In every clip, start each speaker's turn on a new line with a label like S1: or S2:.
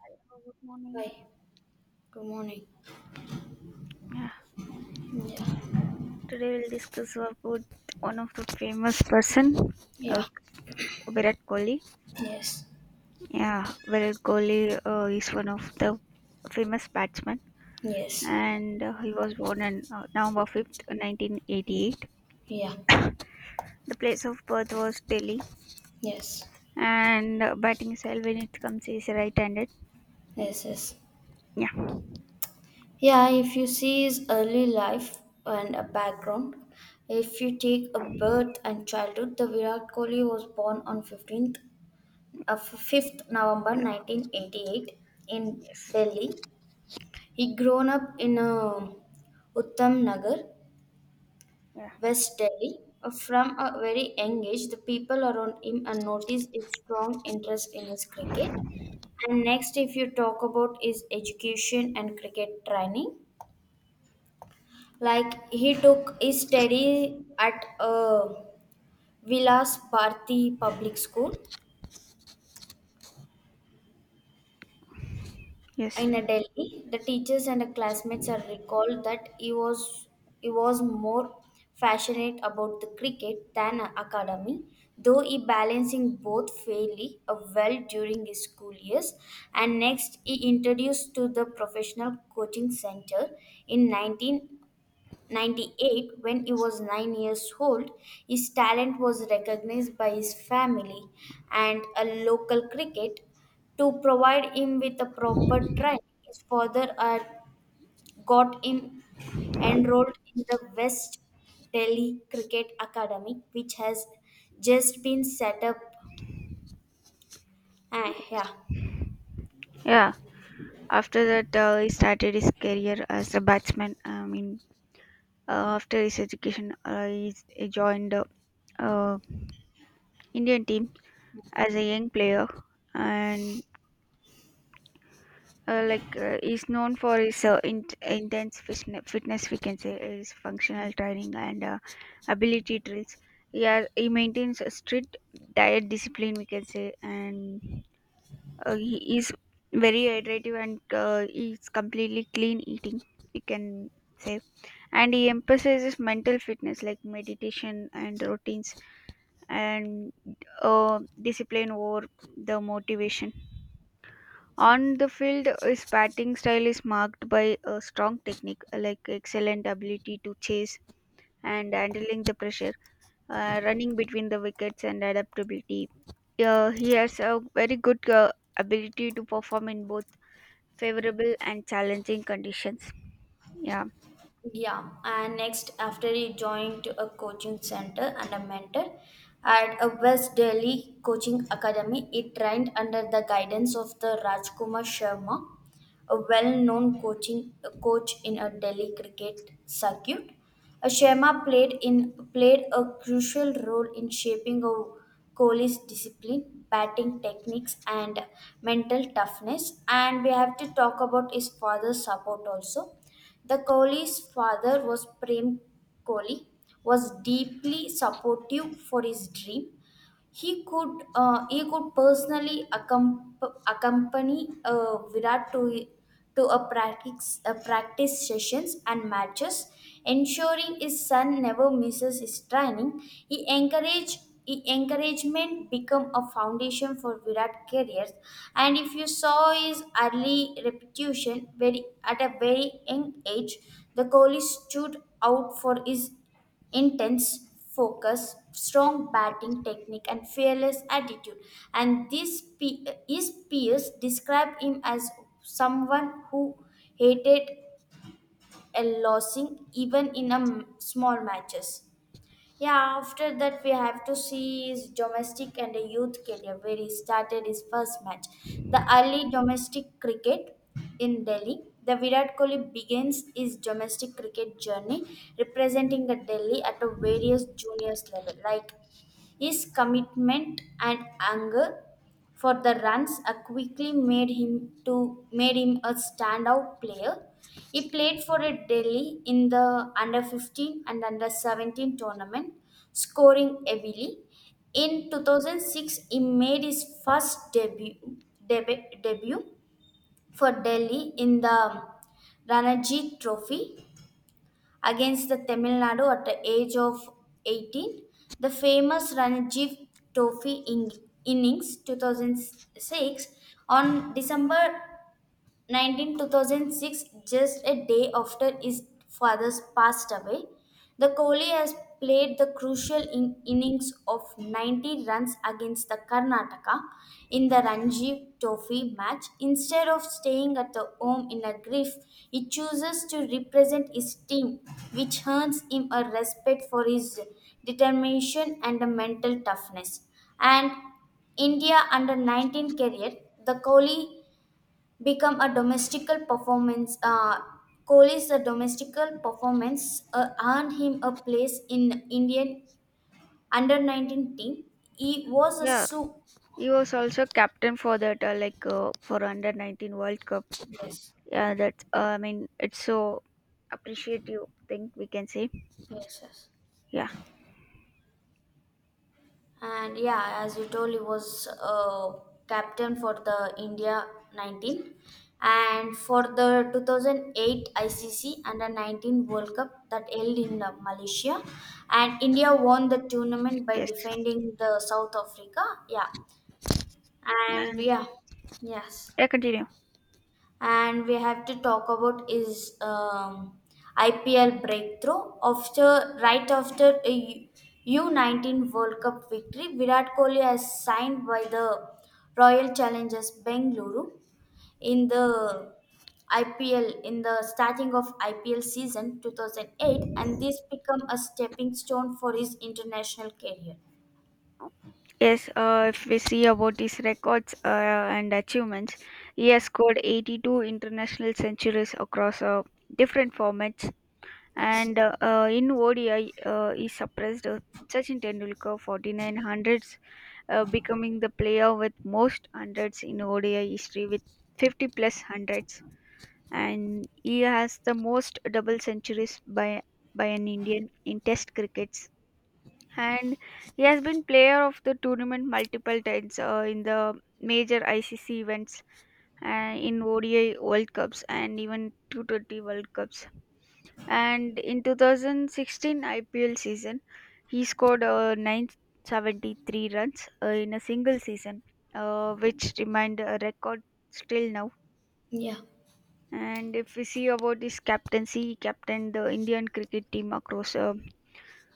S1: Hello, good morning.
S2: Hi, good morning.
S1: Yeah,
S2: Yeah,
S1: today we'll discuss about one of the famous person, uh,
S2: yeah,
S1: Virat Kohli.
S2: yes,
S1: Yeah, Virat Kohli is one of the famous batsman,
S2: yes,
S1: and he was born on November 5th, 1988.
S2: yeah,
S1: The place of birth was Delhi,
S2: yes,
S1: and batting style when it comes is right-handed.
S2: yes, yes.
S1: Yeah.
S2: Yeah, if you see his early life and a background, if you take a birth and childhood, the Virat Kohli was born on 5th November
S1: Yeah.
S2: 1988 in
S1: Yes.
S2: Delhi. He grown up in a Uttam Nagar
S1: Yeah.
S2: West Delhi. From a very young age, the people around him noticed his strong interest in his cricket. And next, if you talk about his education and cricket training, like he took his study at Vilas Bharti Public School
S1: Yes.
S2: in a Delhi, the teachers and the classmates are recalled that he was more passionate about the cricket than academy, though he balancing both fairly well during his school years. And next, he introduced to the professional coaching center in 1998 when he was 9 years old. His talent was recognized by his family, and a local cricket to provide him with a proper training. His father had got him enrolled in the West Delhi Cricket Academy, which has just been set up. Ah, yeah,
S1: Yeah, after that, he started his career as a batsman. I mean, after his education, he joined uh, Indian team as a young player, and like he's known for his intense fitness. We can say his functional training and ability drills. Yeah, he maintains a strict diet discipline. We can say, and he is very hydrative and he's completely clean eating. We can say, and he emphasizes mental fitness like meditation and routines and discipline or the motivation. On the field, his batting style is marked by a strong technique, like excellent ability to chase and handling the pressure, running between the wickets, and adaptability. He has a very good ability to perform in both favorable and challenging conditions. Yeah.
S2: yeah. And next, after he joined a coaching center and a mentor at a West Delhi Coaching Academy, he trained under the guidance of the Rajkumar Sharma, a well-known coach in a Delhi cricket circuit. Sharma played a crucial role in shaping a Kohli's discipline, batting techniques, and mental toughness. And we have to talk about his father's support also. The Kohli's father was Prem Kohli, was deeply supportive for his dream. He could personally accompany Virat to a practice sessions and matches, ensuring his son never misses his training. He encourage he encouragement become a foundation for Virat careers. And if you saw his early reputation, very at a very young age, the Kohli stood out for his intense focus, strong batting technique, and fearless attitude. And his peers describe him as someone who hated a losing even in a small matches. Yeah, after that we have to see his domestic and a youth career where he started his first match. The early domestic cricket in Delhi. The Virat Kohli begins his domestic cricket journey representing the Delhi at a various juniors level, like his commitment and anger for the runs quickly made him a standout player. He played for a Delhi in the under 15 and under 17 tournament, scoring heavily. In 2006, he made his first debut for Delhi in the Ranji Trophy, against the Tamil Nadu at the age of 18. The famous Ranji Trophy innings 2006 on December 19 2006, just a day after his father's passed away, the Kohli has played the crucial innings of 90 runs against the Karnataka in the Ranji Trophy match. Instead of staying at the home in a grief, he chooses to represent his team, which earns him a respect for his determination and a mental toughness. And India under 19 career, the Kohli become a domestical performance. Kohli's a domestical performance earned him a place in Indian under 19 team. He was a
S1: Yeah,
S2: su-
S1: he was also captain for that, like for under 19 World Cup.
S2: Yes,
S1: Yeah, that's I mean, it's so appreciative thing, we can say.
S2: yes, yes,
S1: Yeah.
S2: and yeah, as you told, he was captain for the India 19 and for the 2008 ICC under 19 World Cup that held in Malaysia, and India won the tournament by
S1: Yes,
S2: defending the South Africa. Yeah. And
S1: and
S2: yeah. Yes.
S1: yeah, continue.
S2: And we have to talk about is IPL breakthrough, after right after a U19 World Cup victory. Virat Kohli has signed by the Royal Challengers Bengaluru in the IPL in the starting of IPL season 2008, and this become a stepping stone for his international career.
S1: Yes. If we see about these records and achievements, he has scored 82 international centuries across different formats,
S2: Yes.
S1: and in ODI he suppressed Sachin Tendulkar 49 hundreds, becoming the player with most hundreds in ODI history with 50 plus hundreds. And he has the most double centuries by an Indian in Test crickets. And he has been player of the tournament multiple times in the major ICC events, in ODI World Cups, and even 220 World Cups. And in 2016 IPL season, he scored 973 runs in a single season, which remained a record still now.
S2: Yeah.
S1: And if we see about his captaincy, he captained the Indian cricket team across uh,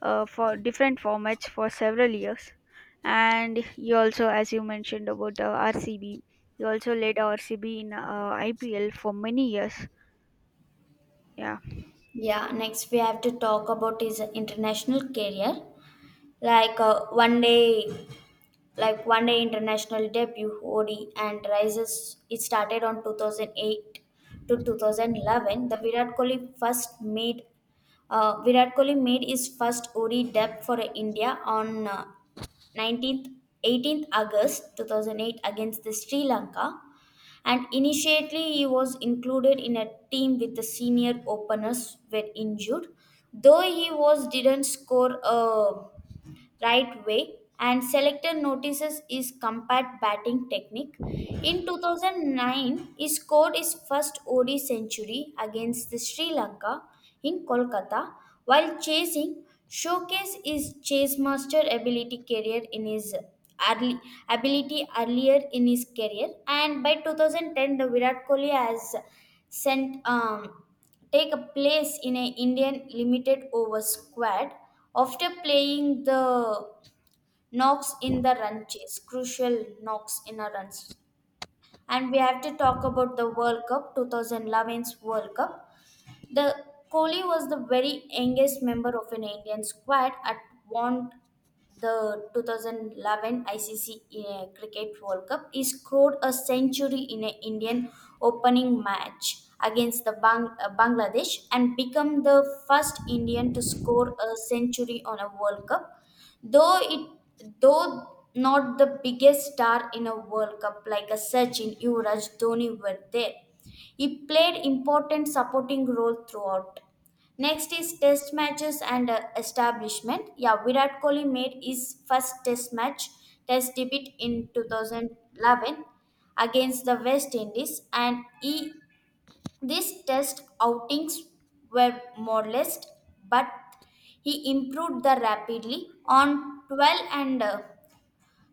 S1: uh, for different formats for several years. And he also, as you mentioned about RCB, he also led RCB in IPL for many years. Yeah,
S2: Yeah, next we have to talk about his international career. Like one day international debut OD and rises. It started on 2008 to 2011. The Virat Kohli first made Virat Kohli made his first OD debut for India on uh, 19th 18th August 2008 against the Sri Lanka, and initially he was included in a team with the senior openers were injured, though he was didn't score a right way, and selector notices his compact batting technique. In 2009, he scored his first ODI century against the Sri Lanka in Kolkata while chasing, showcase his chase master ability career in his early ability earlier in his career, and by 2010 the Virat Kohli has sent take a place in an Indian limited over squad after playing the knocks in the run chase, crucial knocks in a run chase. And we have to talk about 2011's World Cup. The Kohli was the very youngest member of an Indian squad at one the 2011 ICC Cricket World Cup. He scored a century in an Indian opening match against the Bangladesh and become the first Indian to score a century on a World Cup. Though it though not the biggest star in a World Cup like a Sachin, Yuvraj, Dhoni were there. He played important supporting role throughout. Next is test matches and establishment. Yeah, Virat Kohli made his first test debut in 2011 against the West Indies, these test outings were modest, but he improved the rapidly on 12 and uh,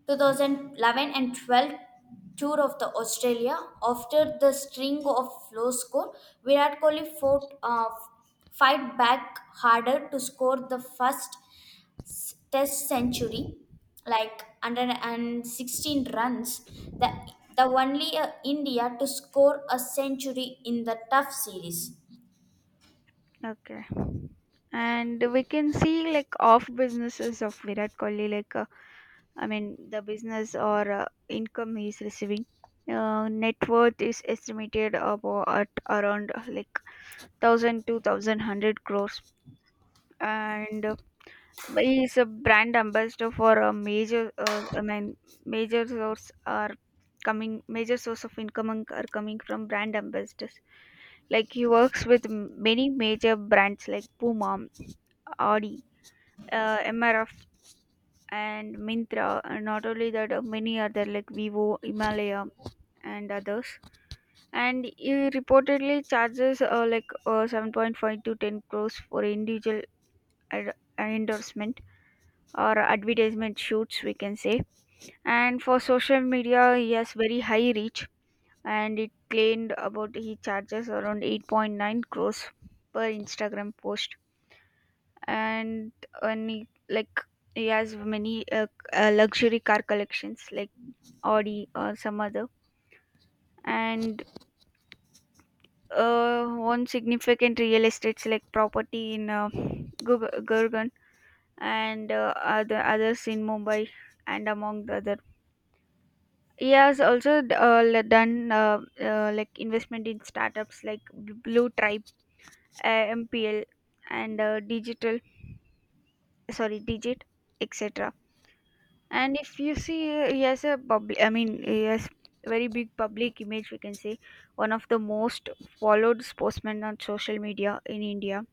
S2: 2011 and 12 tour of the Australia. After the string of low score, Virat Kohli fight back harder to score the first Test century, like 116 runs. The the only India to score a century in the tough series.
S1: okay. And we can see like off businesses of Virat Kohli, like I mean, the business or income he is receiving. Net worth is estimated about at around like thousand to thousand hundred crores, and he is a brand ambassador for a major. I mean, major source are coming. Major source of income and- are coming from brand ambassadors. Like he works with many major brands like Puma, Audi, MRF and Mintra, and not only that, many other like Vivo, Himalaya, and others. And he reportedly charges like 7.5 to 10 crores for individual endorsement or advertisement shoots, we can say. And for social media, he has very high reach, and it claimed about he charges around 8.9 crores per Instagram post. And when he, like he has many luxury car collections like Audi or some other. And one significant real estates like property in Gurgaon and others in Mumbai and among the other. He has also done like investment in startups like Blue Tribe, MPL, and Digital, sorry, Digit, etc. And if you see, he has a public, I mean, he has very big public image, we can say, one of the most followed sportsmen on social media in India.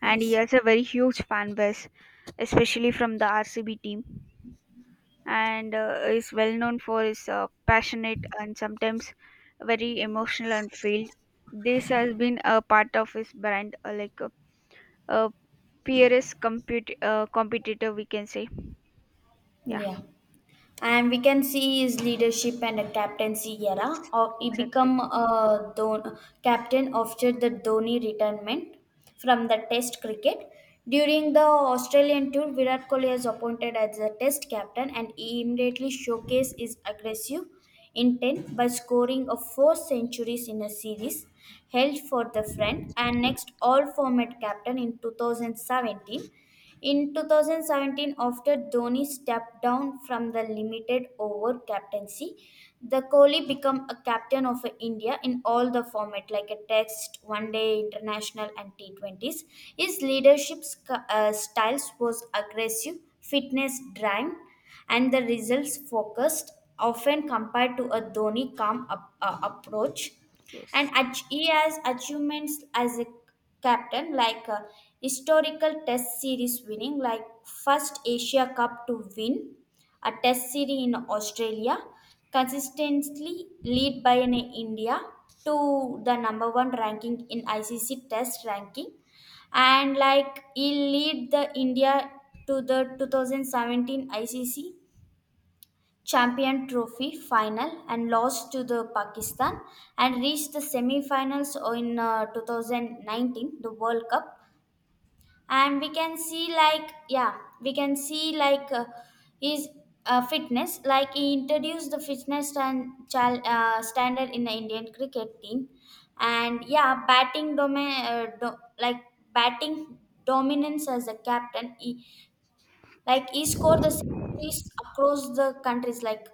S1: And he
S2: Yes.
S1: has a very huge fan base, especially from the RCB team. And is well known for his passionate and sometimes very emotional and field. This has been a part of his brand, like a peerless competitor, we can say. Yeah,
S2: Yeah. And we can see his leadership and a captaincy
S1: yes,
S2: era. Or he
S1: exactly.
S2: become a don captain after the Dhoni retirement from the Test cricket. During the Australian tour, Virat Kohli was appointed as the Test captain, and he immediately showcased his aggressive intent by scoring a four centuries in a series held for the front, and next all format captain in 2017, after Dhoni stepped down from the limited over captaincy, the Kohli became a captain of India in all the format like a test, one day international and T20s. His leadership styles was aggressive, fitness driven and the results focused, often compared to a Dhoni calm up, approach, and
S1: Yes.
S2: he has achievements as a captain like a historical test series winning, like first Asia Cup to win a test series in Australia, consistently lead by an India to the number one ranking in ICC test ranking. And like he lead the India to the 2017 ICC Champion Trophy final and lost to the Pakistan and reached the semi-finals in 2019 the World Cup. And we can see, like, yeah, we can see, like, his fitness, like he introduced the fitness and standard in the Indian cricket team. And yeah, batting domain do- like batting dominance as a captain, he scored the centuries across the countries like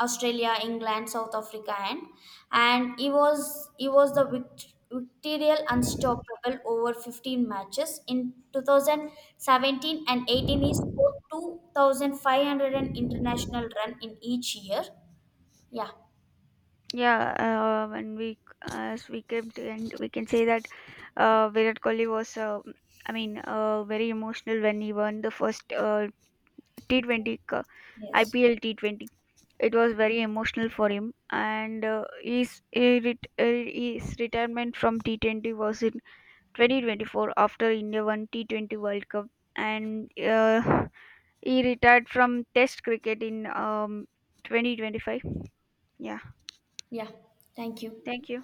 S2: Australia, England, South Africa, and he was the victorial unstoppable over 15 matches in 2017 and 18. He scored 2,500 an international run in each year. Yeah,
S1: Yeah, when we as we came to end, we can say that Virat Kohli was, I mean, very emotional when he won the first T20 cu-
S2: yes,
S1: IPL T20. It was very emotional for him, and his his retirement from T20 was in 2024 after India won T20 World Cup, and he retired from Test cricket in 2025. Yeah,
S2: yeah. Thank you.
S1: thank you.